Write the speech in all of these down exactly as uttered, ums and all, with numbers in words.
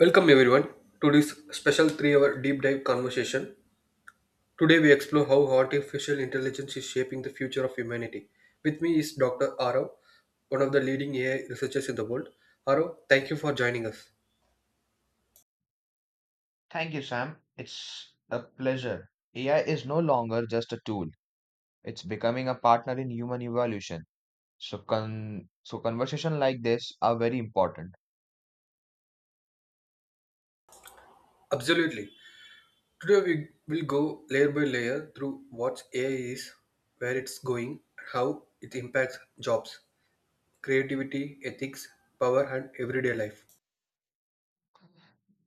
Welcome everyone to this special three-hour deep dive conversation. Today we explore how artificial intelligence is shaping the future of humanity. With me is Doctor Arav, one of the leading A I researchers in the world. Arav, thank you for joining us. Thank you, Sam. It's a pleasure. A I is no longer just a tool. It's becoming a partner in human evolution. So con so conversation like this are very important Absolutely. Today we will go layer by layer through what A I is, where it's going, how it impacts jobs, creativity, ethics, power and everyday life.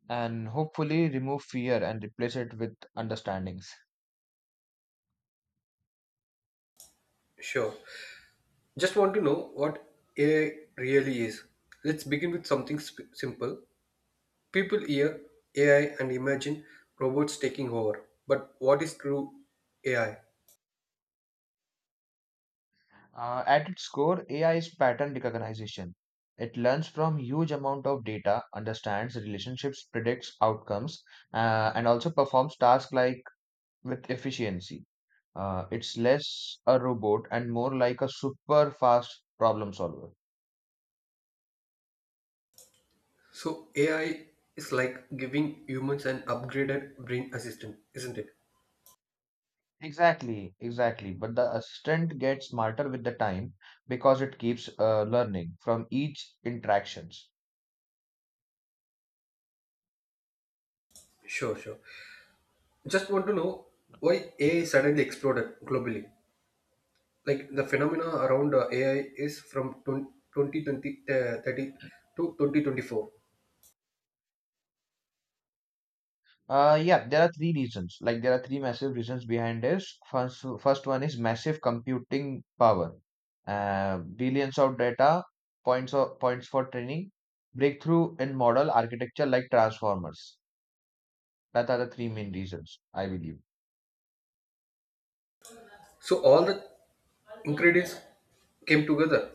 and hopefully remove fear and replace it with understandings. Sure. Just want to know what A I really is. Let's begin with something sp- simple. People hear A I and imagine robots taking over. But what is true A I? Uh, at its core, A I is pattern recognition. It learns from huge amount of data, understands relationships, predicts outcomes, uh, and also performs tasks like with efficiency. Uh, it's less a robot and more like a super fast problem solver. So, A I is like giving humans an upgraded brain assistant, isn't it? Exactly, exactly. But the assistant gets smarter with the time because it keeps uh, learning from each interactions. Sure, sure. Just want to know why A I suddenly exploded globally. Like the phenomena around uh, A I is from twenty, twenty twenty uh, thirty to twenty twenty-four. Uh, yeah, there are three reasons. Like there are three massive reasons behind this. First, first one is massive computing power. Uh, billions of data, points of points for training, breakthrough in model architecture like transformers. That are the three main reasons, I believe. So all the ingredients came together.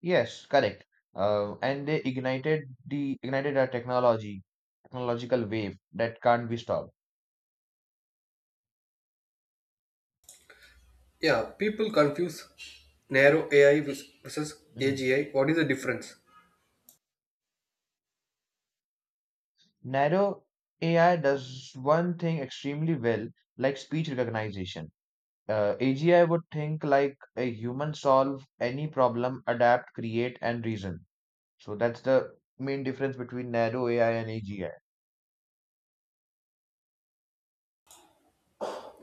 Yes, correct. Uh, and they ignited the ignited a technology technological wave that can't be stopped. Yeah, people confuse narrow A I vis- versus Mm. A G I. What is the difference? Narrow A I does one thing extremely well, like speech recognition. Uh, A G I would think like a human, solve any problem, adapt, create, and reason. So that's the main difference between narrow A I and A G I.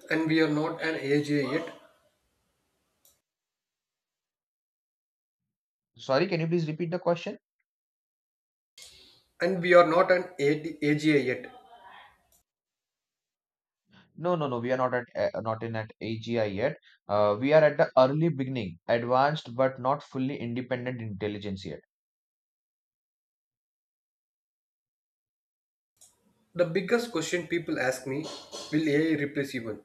And we are not an A G I yet, Sorry, can you please repeat the question? and we are not an A D- A G I yet. No, no, no. We are not at uh, not in at A G I yet. Uh, we are at the early beginning, advanced but not fully independent intelligence yet. The biggest question people ask me, will A I replace human?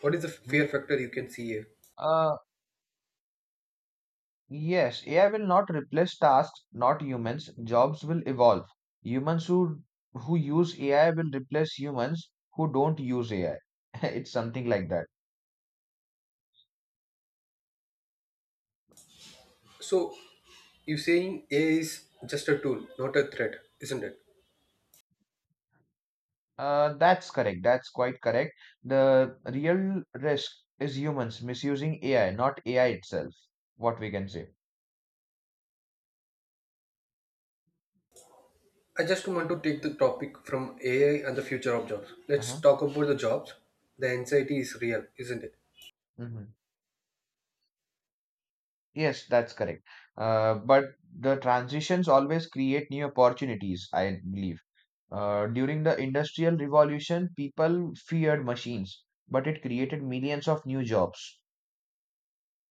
What is the Hmm. fear factor you can see here? Uh, yes, A I will not replace tasks, not humans. Jobs will evolve. Humans who who use A I will replace humans who don't use A I. It's something like that. So, you are saying A I is just a tool, not a threat, isn't it? Uh, that's correct. That's quite correct. The real risk is humans misusing A I, not A I itself. What we can say. I just want to take the topic from A I and the future of jobs. Let's Uh-huh. talk about the jobs. The anxiety is real, isn't it? Mhm. Yes, that's correct. Uh, but the transitions always create new opportunities, I believe. Uh, during the Industrial Revolution, people feared machines, but it created millions of new jobs.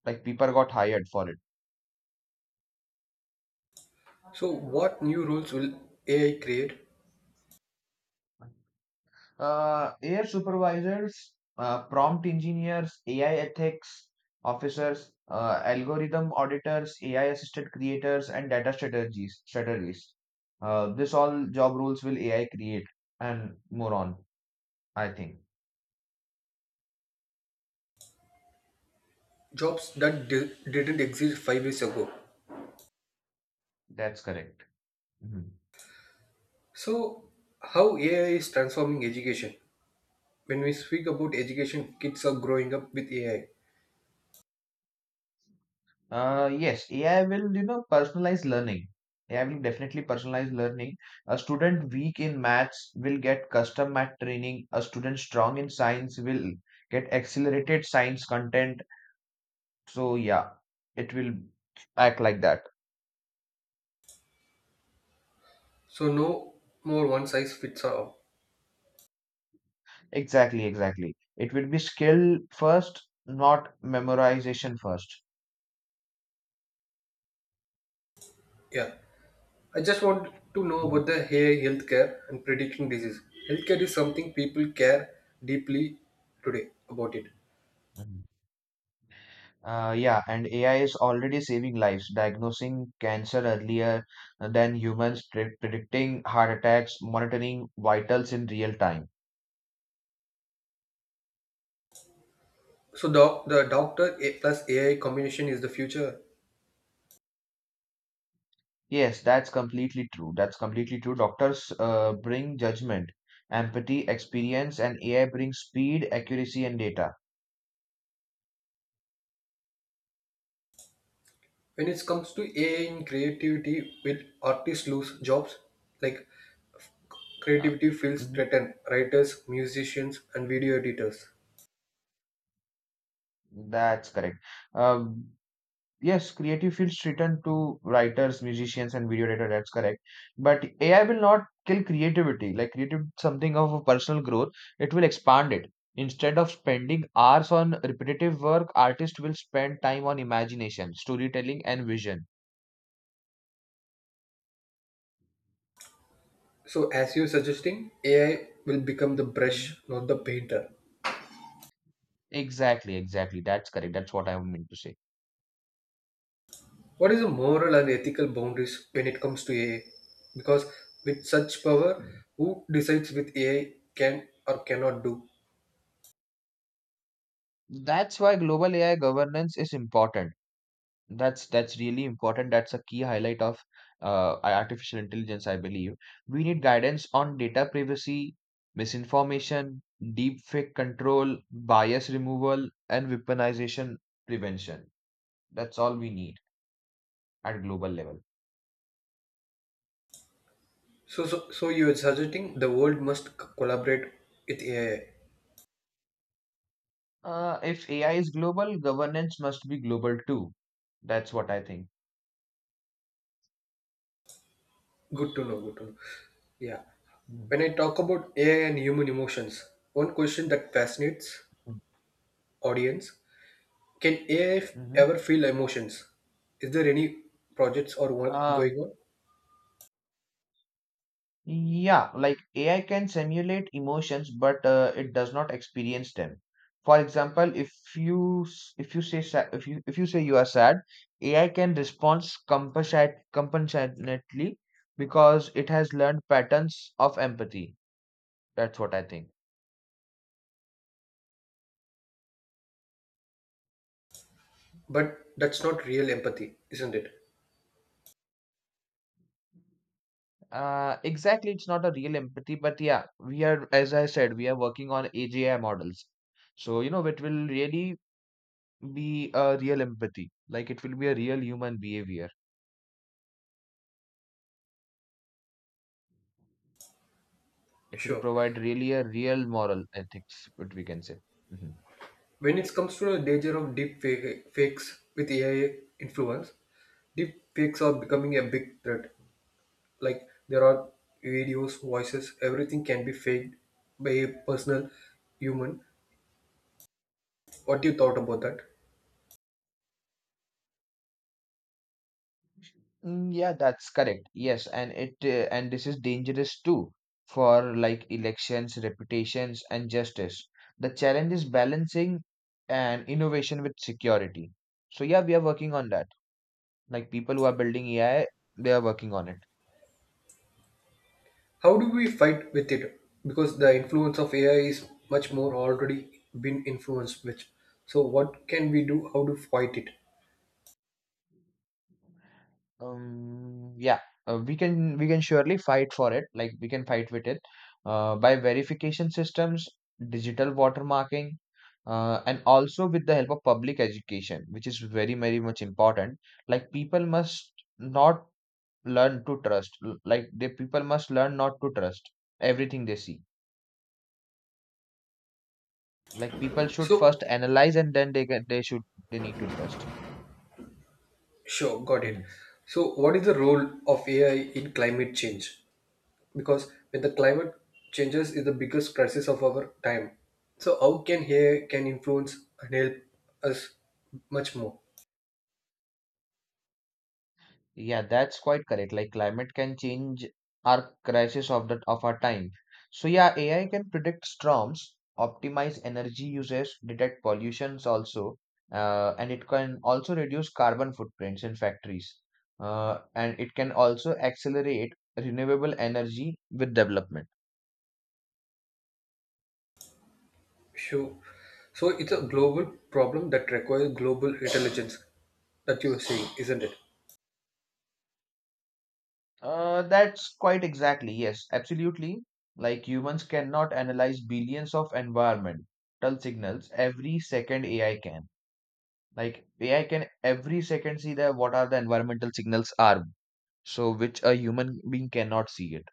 Like people got hired for it. So, what new roles will A I create? Uh, air supervisors, uh, prompt engineers, A I ethics officers, uh, algorithm auditors, A I assisted creators, and data strategies strategies. Uh, this all job roles will A I create and more on, I think. Jobs that di- didn't exist five years ago. That's correct. Mhm. So, how A I is transforming education? When we speak about education, kids are growing up with A I. Uh, yes, A I will, you know, personalize learning. A I will definitely personalize learning. A student weak in maths will get custom math training. A student strong in science will get accelerated science content. So yeah, it will act like that. So, no more one size fits all. Exactly, exactly. It will be skill first, not memorization first. Yeah. I just want to know about the A I healthcare and predicting disease. Healthcare is something people care deeply today about it. Mhm. Uh, yeah, and A I is already saving lives, diagnosing cancer earlier than humans, pre- predicting heart attacks, monitoring vitals in real time. So, doc- the doctor A plus A I combination is the future. Yes, that's completely true. That's completely true. Doctors uh, bring judgment, empathy, experience, and A I brings speed, accuracy, and data. When it comes to A I in creativity, will artists lose jobs? Like Uh, creativity feels mhm, threatened, writers, musicians, and video editors. That's correct. Um Yes, creative fields return to writers, musicians, and video editor. That's correct. But A I will not kill creativity. Like creative something of a personal growth, it will expand it. Instead of spending hours on repetitive work, artists will spend time on imagination, storytelling, and vision. So as you're suggesting, A I will become the Mhm. brush, not the painter. Exactly, exactly. That's correct. That's what I meant to say. What is the moral and ethical boundaries when it comes to A I? Because with such power, who decides with A I can or cannot do? That's why global A I governance is important. That's that's really important. That's a key highlight of uh, artificial intelligence, I believe. We need guidance on data privacy, misinformation, deepfake control, bias removal, and weaponization prevention. That's all we need at global level. So so, so you are suggesting the world must c- collaborate with A I. Uh, if A I is global, governance must be global too. That's what I think. Good to know. Good to know. Yeah. When I talk about A I and human emotions, one question that fascinates Mm-hmm. audience: Can A I ever feel emotions? Is there any projects or work Uh, going on? Yeah, like A I can simulate emotions, but uh, it does not experience them. For example, if you s- if you say sa- if you if you say you are sad, A I can respond compensate compassionately because it has learned patterns of empathy. That's what I think. But that's not real empathy, isn't it? Uh, exactly, it's not a real empathy, but yeah, we are as I said, we are working on A G I models. So you know, it will really be a real empathy. Like it will be a real human behavior. It will Sure. provide really a real moral ethics, what we can say. Mhm. When it comes to the danger of deep fake, fakes with A I influence, deep fakes are becoming a big threat. Like there are videos, voices, everything can be faked by a personal human. What you thought about that? Mm, yeah, that's correct. Yes, and it uh, and this is dangerous too for like elections, reputations, and justice. The challenge is balancing and innovation with security. So yeah, we are working on that. Like people who are building A I, they are working on it. How do we fight with it? Because the influence of A I is much more already been influenced with. So what can we do? How to fight it? Um, yeah, uh, we can we can surely fight for it. Like we can fight with it uh, by verification systems, digital watermarking, uh, and also with the help of public education, which is very very much important. Like people must not learn to trust. l- Like the people must learn not to trust everything they see. Like people should first So analyze and then they get, they should they need to trust. sure, got it. Mhm. So what is the role of A I in climate change? Because when the climate changes is the biggest crisis of our time. So how can A I can influence and help us much more? Yeah, that's quite correct. Like climate can change our crisis of the of our time. So yeah, A I can predict storms, optimize energy uses, detect pollutions also, uh, and it can also reduce carbon footprints in factories. Uh, and it can also accelerate renewable energy with development. Sure. So it's a global problem that requires global intelligence that you are saying, isn't it? Uh, that's quite exactly, yes, Absolutely. Like humans cannot analyze billions of environmental signals every second A I can. Like A I can every second see that what are the environmental signals are, so which a human being cannot see it.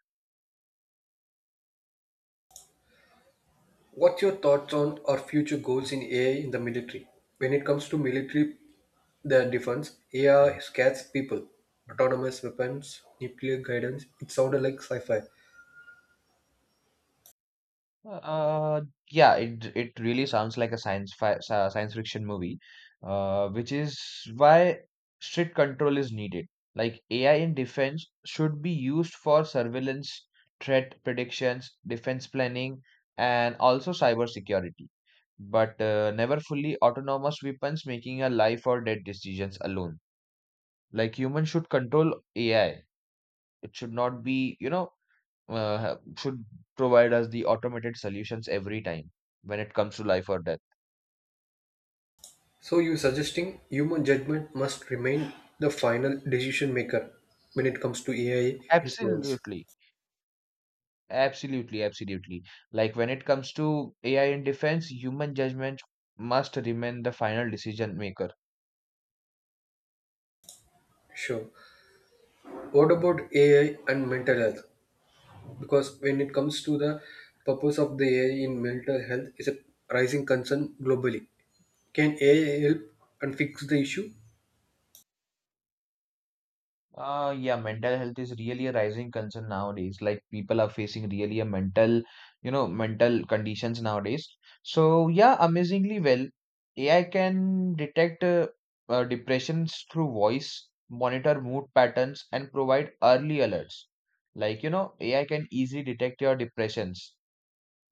What's your thoughts on our future goals in A I in the military? When it comes to military, the defense, Mhm. A I scares people. Autonomous weapons, nuclear guidance, it sounded like sci fi. Uh, yeah, it it really sounds like a science fi sci- science fiction movie, uh, which is why strict control is needed. Like A I in defense should be used for surveillance, threat predictions, defense planning, and also cyber security. But uh, never fully autonomous weapons making a life or death decisions alone. Like humans should control A I. It should not be, you know, uh, ha- should provide us the automated solutions every time when it comes to life or death. So, you're suggesting human judgment must remain the final decision maker when it comes to A I influence? Absolutely. Absolutely, absolutely. Like when it comes to A I in defense, human judgment must remain the final decision maker. Sure. What about Mhm. A I and mental health? Because when it comes to the purpose of the A I in mental health is a rising concern globally. Can A I help and fix the issue? Uh, yeah, mental health is really a rising concern nowadays. Like people are facing really a mental, you know, mental conditions nowadays. So yeah, amazingly well, A I can detect uh, uh, depressions through voice, monitor mood patterns, and provide early alerts. Like, you know, A I can easily detect your depressions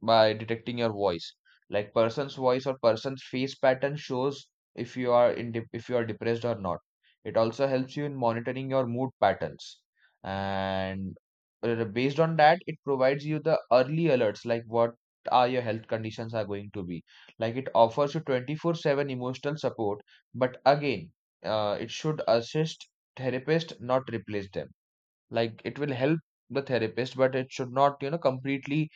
by detecting your voice like person's voice or person's face pattern shows if you are in dep- if you are depressed or not. It also helps you in monitoring your mood patterns, and uh, based on that it provides you the early alerts like what are your health conditions are going to be. Like it offers you twenty-four seven emotional support, but again uh, it should assist therapist not replace them. Like it will help the therapist but it should not you know completely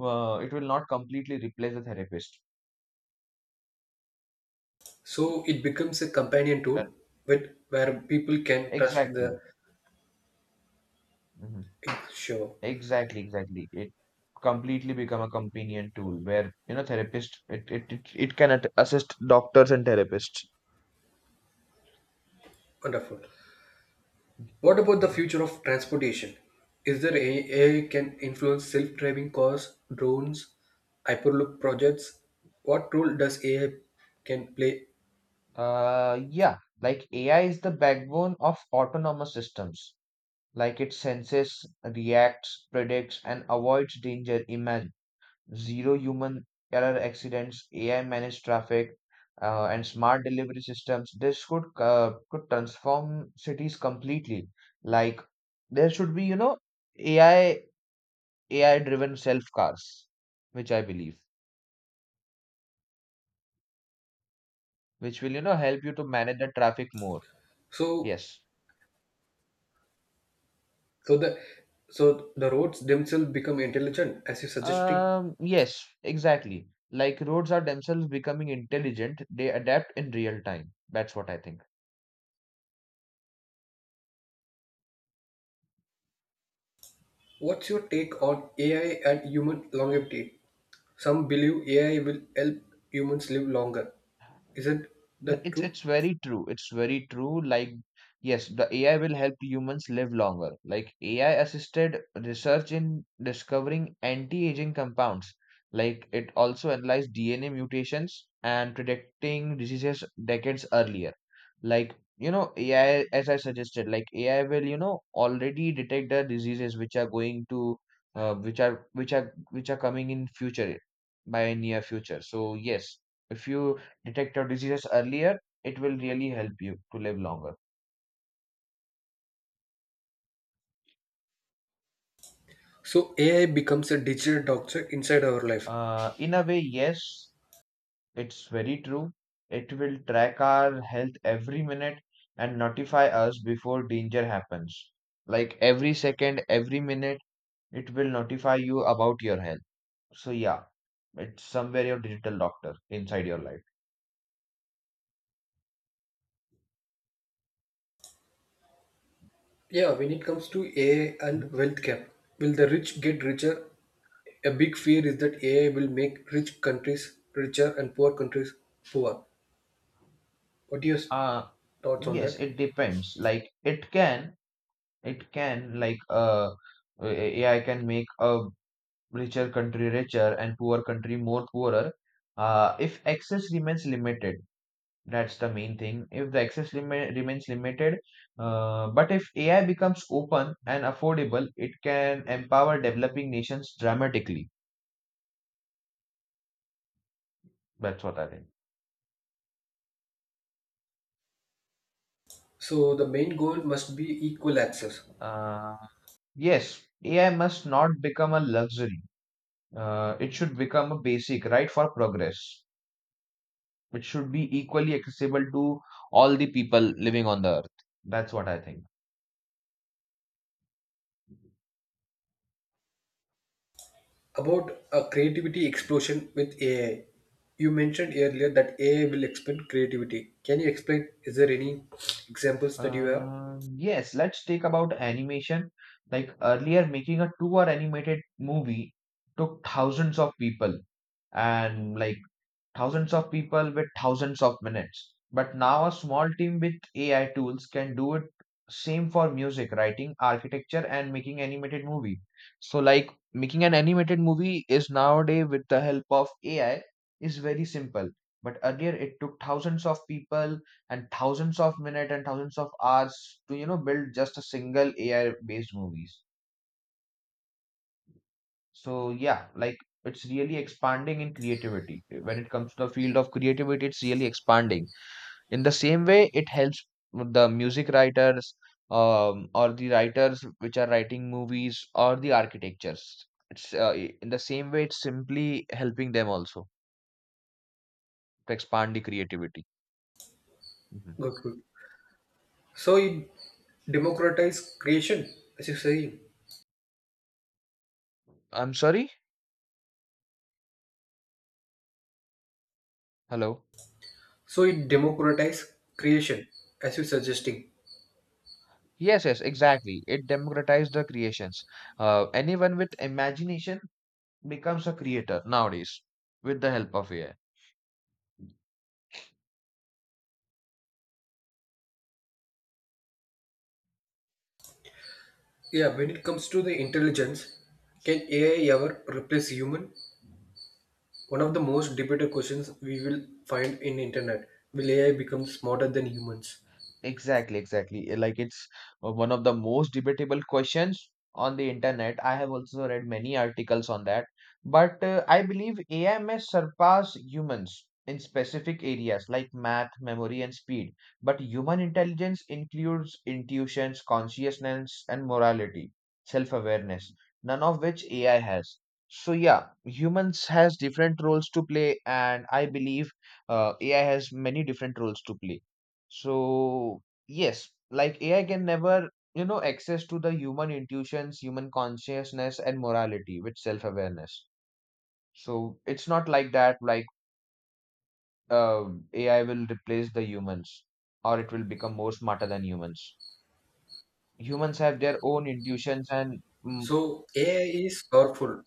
uh, it will not completely replace the therapist. So it becomes a companion Uh, tool with where people can trust the Exactly. Mhm. sure. Exactly, exactly. It completely become a companion tool where, you know, therapist it it it, it can at- assist doctors and therapists. Wonderful. What about the Mhm. future of transportation? Is there a AI can influence self-driving cars, drones, hyperloop projects? What role does A I can play? Uh, yeah, like A I is the backbone of autonomous systems. Like it senses, reacts, predicts, and avoids danger. Imagine zero human error accidents, A I managed traffic, uh, and smart delivery systems. This could uh, could transform cities completely. Like there should be, you know, A I A I driven self cars, which I believe, which will you know help you to manage the traffic more. So Yes. so the so the roads themselves become intelligent as you're suggesting. Um. Yes. Exactly. Like roads are themselves becoming intelligent. They adapt in real time. That's what I think. What's your take on A I and human longevity? Some believe A I will help humans live longer. Isn't N- that It's true? it's very true. It's very true. Like yes, the A I will help humans live longer. Like A I assisted research in discovering anti-aging compounds. Like it also analyzed D N A mutations and predicting diseases decades earlier. Like you know A I, as I suggested, like A I will you know already detect the diseases which are going to uh, which are which are which are coming in future by near future. So yes if you detect your diseases earlier, it will really help you to live longer. So A I becomes a digital doctor inside our life. Uh, in a way, yes, it's very true. It will track our health every minute and notify us before danger happens. Like every second, every minute, it will notify you about your health. So, yeah, it's somewhere your digital doctor inside your life. Yeah, when it comes to A I and Mhm. wealth gap, will the rich get richer? A big fear is that A I will make rich countries richer and poor countries poor. What are your Uh, thoughts on yes, that? it depends. Like, it can, it can, like, uh, A I can make a richer country richer and poor country more poorer uh, if access remains limited. That's the main thing. If the access limi- remains limited uh, but if ai becomes open and affordable it can empower developing nations dramatically. That's what I think. So the main goal must be equal access. uh, yes ai must not become a luxury. Uh, it should become a basic right for progress. It should be equally accessible to all the people living on the earth. That's what I think. About a creativity explosion with A I. You mentioned earlier that A I will expand creativity. Can you explain? Is there any examples that you have? Um, yes, let's take about animation. Like earlier, making a two-hour animated movie took thousands of people, and like thousands of people with thousands of minutes. But now a small team with A I tools can do it same for music, writing, architecture, and making animated movie. So like making an animated movie is nowadays with the help of A I is very simple. But earlier it took thousands of people and thousands of minutes and thousands of hours to you know build just a single A I based movies. So yeah, like it's really expanding in creativity. When it comes to the field of creativity, it's really expanding in the same way it helps the music writers, um, or the writers which are writing movies or the architectures. It's uh, i- in the same way it's simply helping them also to expand the creativity. Mhm. Good, good. So it democratize creation, as you saying. I'm sorry. Hello. So it democratize creation, as you suggesting. Yes, yes, exactly, it democratized the creations. Uh, anyone with imagination becomes a creator nowadays with the help of ai. Yeah, when it comes to the intelligence, can A I ever replace human? One of the most debated questions we will find in internet. Will A I become smarter than humans? Exactly, exactly. Uh, Like it's uh, one of the most debatable questions on the internet. I have also read many articles on that. But uh, I believe A I may surpass humans in specific areas like math, memory, and speed. But human intelligence includes intuitions, consciousness, and morality, self-awareness, none of which A I has. So yeah, humans has different roles to play, and I believe uh, A I has many different roles to play. So, yes, like A I can never, you know, access to the human intuitions, human consciousness, and morality with self-awareness. So it's not like that, like uh, A I will replace the humans or it will become more smarter than humans. Humans have their own intuitions and mm, So A I is powerful,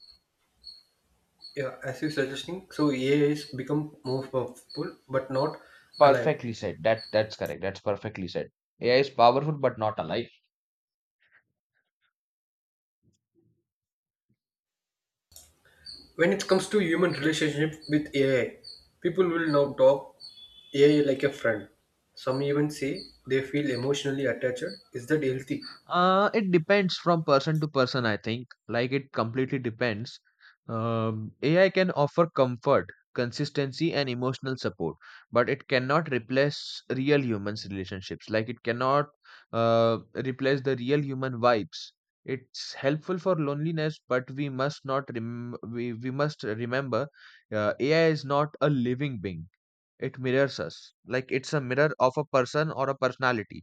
yeah, as you suggesting, so A I has become more powerful but not alive. perfectly said. That that's correct. That's perfectly said. A I is powerful but not alive. When it comes to human relationship with A I, people will now talk A I like a friend. Some even say they feel emotionally attached. Is that healthy? Uh, it depends from person to person, I think. Like it completely depends. Um, A I can offer comfort, consistency, and emotional support, but it cannot replace real humans' relationships. Like it cannot uh, replace the real human vibes. It's helpful for loneliness, but we must not rem- we, we must remember uh, A I is not a living being. It mirrors us. Like it's a mirror of a person or a personality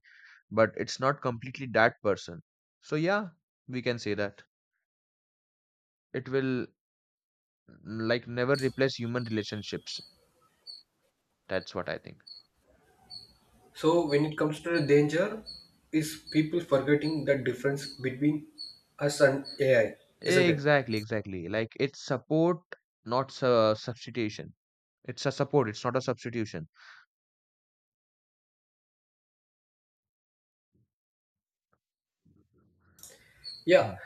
but it's not completely that person. So yeah, we can say that it will, mm, like, never replace human relationships. That's what I think. So when it comes to the danger, is people forgetting the difference between us and A I, isn't it? Exactly, exactly. Like it's support, not su- substitution. It's a support. It's not a substitution. Yeah, Mm-hmm.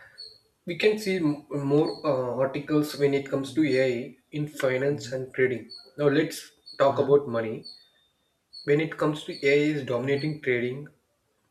we can see m- more uh, articles when it comes Mm-hmm. to A I in Mm-hmm. finance and trading. Now let's talk Mm-hmm. about money. When it comes to A I is Mm-hmm. dominating trading,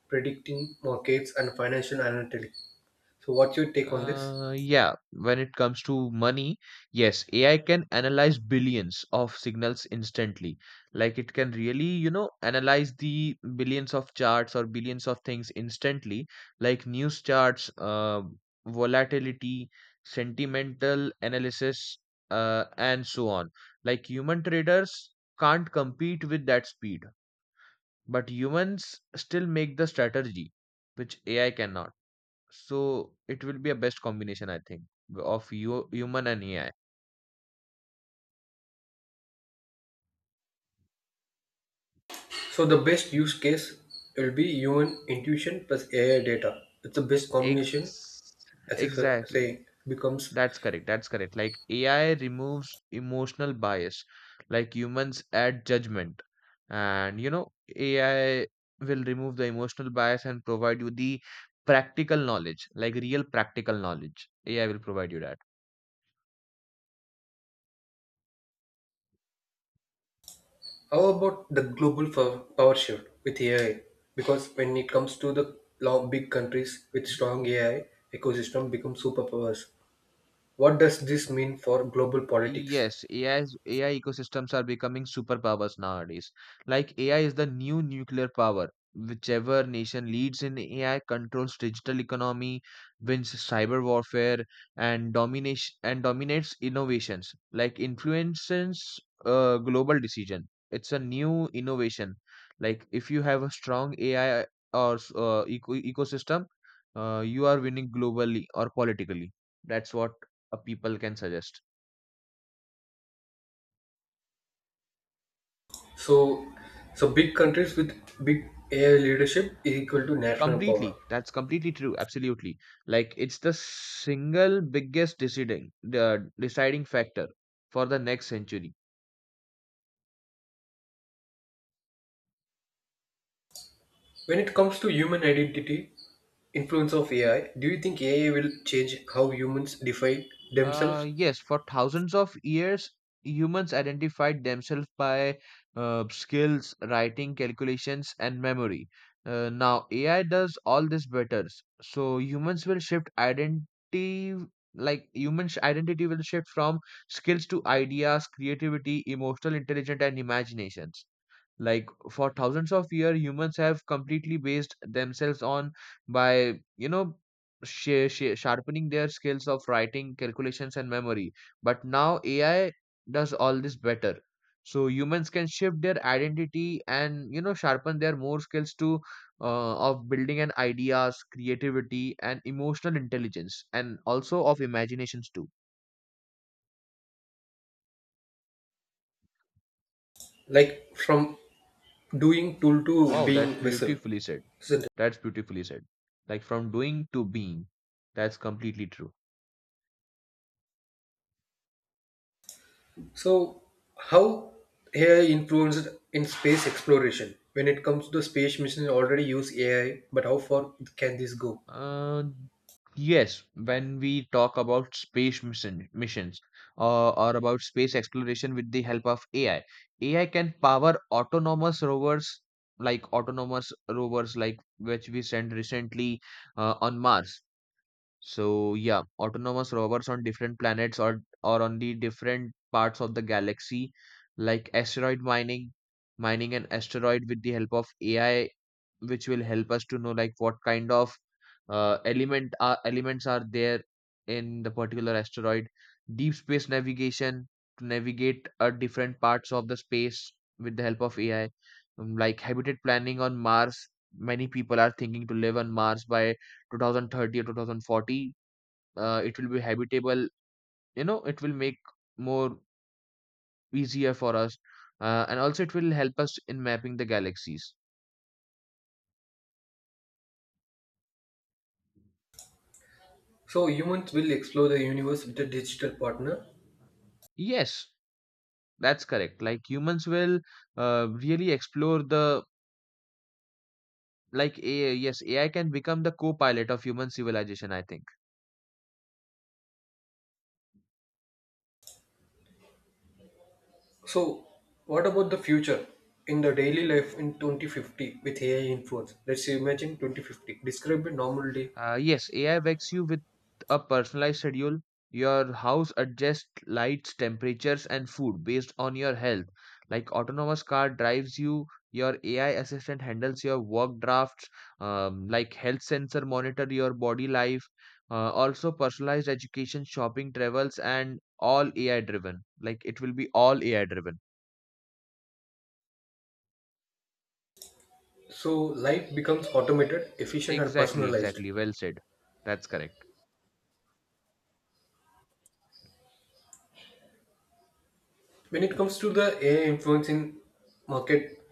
predicting markets and financial analytics. So what's your take on this? Uh, yeah, when it comes to money, yes, A I can analyze billions of signals instantly. Like it can really, you know, analyze the billions of charts or billions of things instantly, like news charts, uh, volatility, sentimental analysis, uh, and so on. Like human traders can't compete with that speed, but humans still make the strategy, which A I cannot. So it will be a best combination, I think, of you, human and A I. So the best Mhm. use case will be human intuition plus A I data. It's the best combination, Ex as you sa- Exactly. say, becomes That's correct. That's correct. Like A I removes emotional bias, like humans add judgment. And you know, A I will remove the emotional bias and provide you the practical knowledge, like real practical knowledge. A I will provide you that. how about the global fo- power shift with A I? Because when it comes to the lo- big countries with strong A I ecosystem become superpowers. What does this mean for global politics? Yes, A I's, A I ecosystems are becoming superpowers nowadays. Like A I is the new nuclear power. Whichever nation leads in A I controls digital economy, wins cyber warfare, and domination and dominates innovations. Like influences uh, global decision. It's a new innovation. Like if you have a strong A I or s- uh, eco ecosystem, uh, you are winning globally or politically. That's what a people can suggest. So, so big countries with big A I leadership is equal to national power. Completely. That's completely true. Absolutely. Like it's the single biggest deciding the deciding factor for the next century. When it comes to human identity, influence of A I, do you think A I will change how humans define Uh, themselves? Yes, for thousands of years, humans identified themselves by uh, skills, writing, calculations, and memory. Uh, now A I does all this better. So humans will shift identity, like humans' identity will shift from skills to ideas, creativity, emotional intelligence, and imaginations. Like for thousands of years humans have completely based themselves on by you know sh- sh- sharpening their skills of writing calculations and memory, but now ai does all this better. So humans can shift their identity and you know sharpen their more skills to, uh, of building and ideas creativity and emotional intelligence and also of imaginations too. Like from doing tool to Wow, that's being vessel, beautifully said. isn't it? That's beautifully said. Like from doing to being. That's completely true. So, how A I influenced in space exploration? When it comes to the space mission, already use A I, but how far can this go? Uh, yes, when we talk about space mission, missions uh, or about space exploration with the help of A I, A I can power autonomous rovers, like autonomous rovers like which we sent recently uh, on Mars. So yeah, autonomous rovers on different planets or or on the different parts of the galaxy, like asteroid mining, mining an asteroid with the help of A I, which will help us to know like what kind of uh, element are elements are there in the particular asteroid. Deep space navigation to navigate uh, different parts of the space with the help of A I. Um, like habitat planning on Mars. Many people are thinking to live on Mars by twenty thirty or two thousand forty. Uh, it will be habitable, you know, it will make more easier for us, uh, and also it will help us in mapping the galaxies. So humans will explore the universe with a digital partner. Yes, that's correct. Like humans will uh, really explore the like ai Yes, ai can become the co-pilot of human civilization, I think. So, what about the future in the daily life in twenty fifty with A I influence? Let's imagine twenty fifty. Describe a normal day. Uh, yes, A I wakes you with a personalized schedule. Your house adjusts lights, temperatures, and food based on your health. Like autonomous car drives you, your A I assistant handles your work drafts, um, like health sensor monitor your body life. Uh, also, personalized education, shopping, travels, and all A I driven. Like it will be all A I driven. So, life becomes automated, efficient, and Exactly, personalized. exactly. Well said. That's correct. When it comes to the A I influence in market,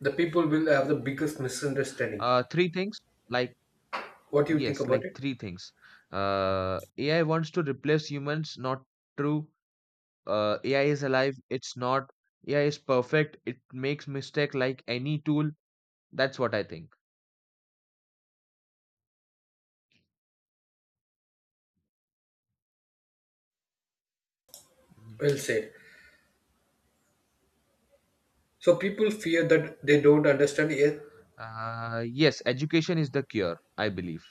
the people will have the biggest misunderstanding. Uh, three things like What do you think Yes, about like it? three things. Uh, A I wants to replace humans, not true. Uh, A I is alive, it's not. A I is perfect, it makes mistake like any tool. That's what I think. Well Mhm. said. So, people fear that they don't understand yet. Uh, yes, education is the cure, I believe.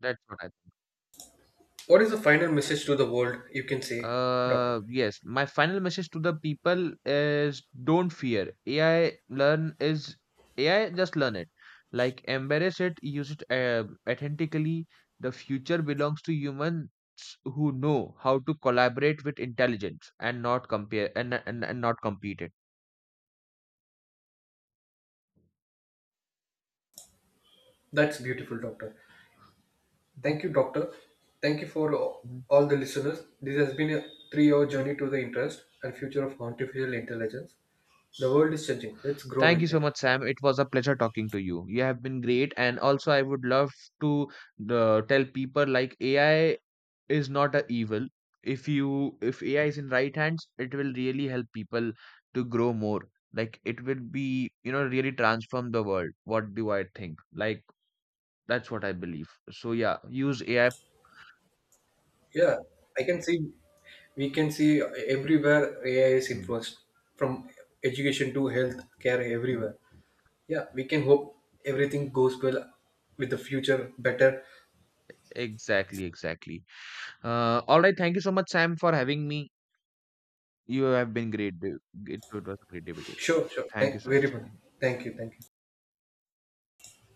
That's what I. What is the final message to the world? You can say, Doctor. Uh, yes, my final message to the people is don't fear. A I learn is, A I just learn it. Like embrace it, use it uh, authentically. The future belongs to humans who know how to collaborate with intelligence and not compare and and, and not compete it. That's beautiful, Doctor. Mhm, Thank you, Doctor. Thank you for mhm, all the listeners. This has been a three hour mhm. journey to the interest and future of artificial intelligence. The world is changing. Let's grow Thank you with so it. much, Sam. It was a pleasure talking to you. You have been great, and also I would love to uh, tell people like A I is not a evil. If you if ai is in right hands it will really help people to grow more, like it will be you know really transform the world, what do I think, like, that's what I believe. So yeah, use ai. Yeah, I can see, we can see everywhere A I is Mm. influenced from education to health care, everywhere. Yeah, we can hope everything goes well with the future better. Exactly, exactly. Uh all right, thank you so much Sam for having me. You have been great. It it was a great day with you. Sure, sure. Thank Thank, you so very much. much. Thank you. Thank you.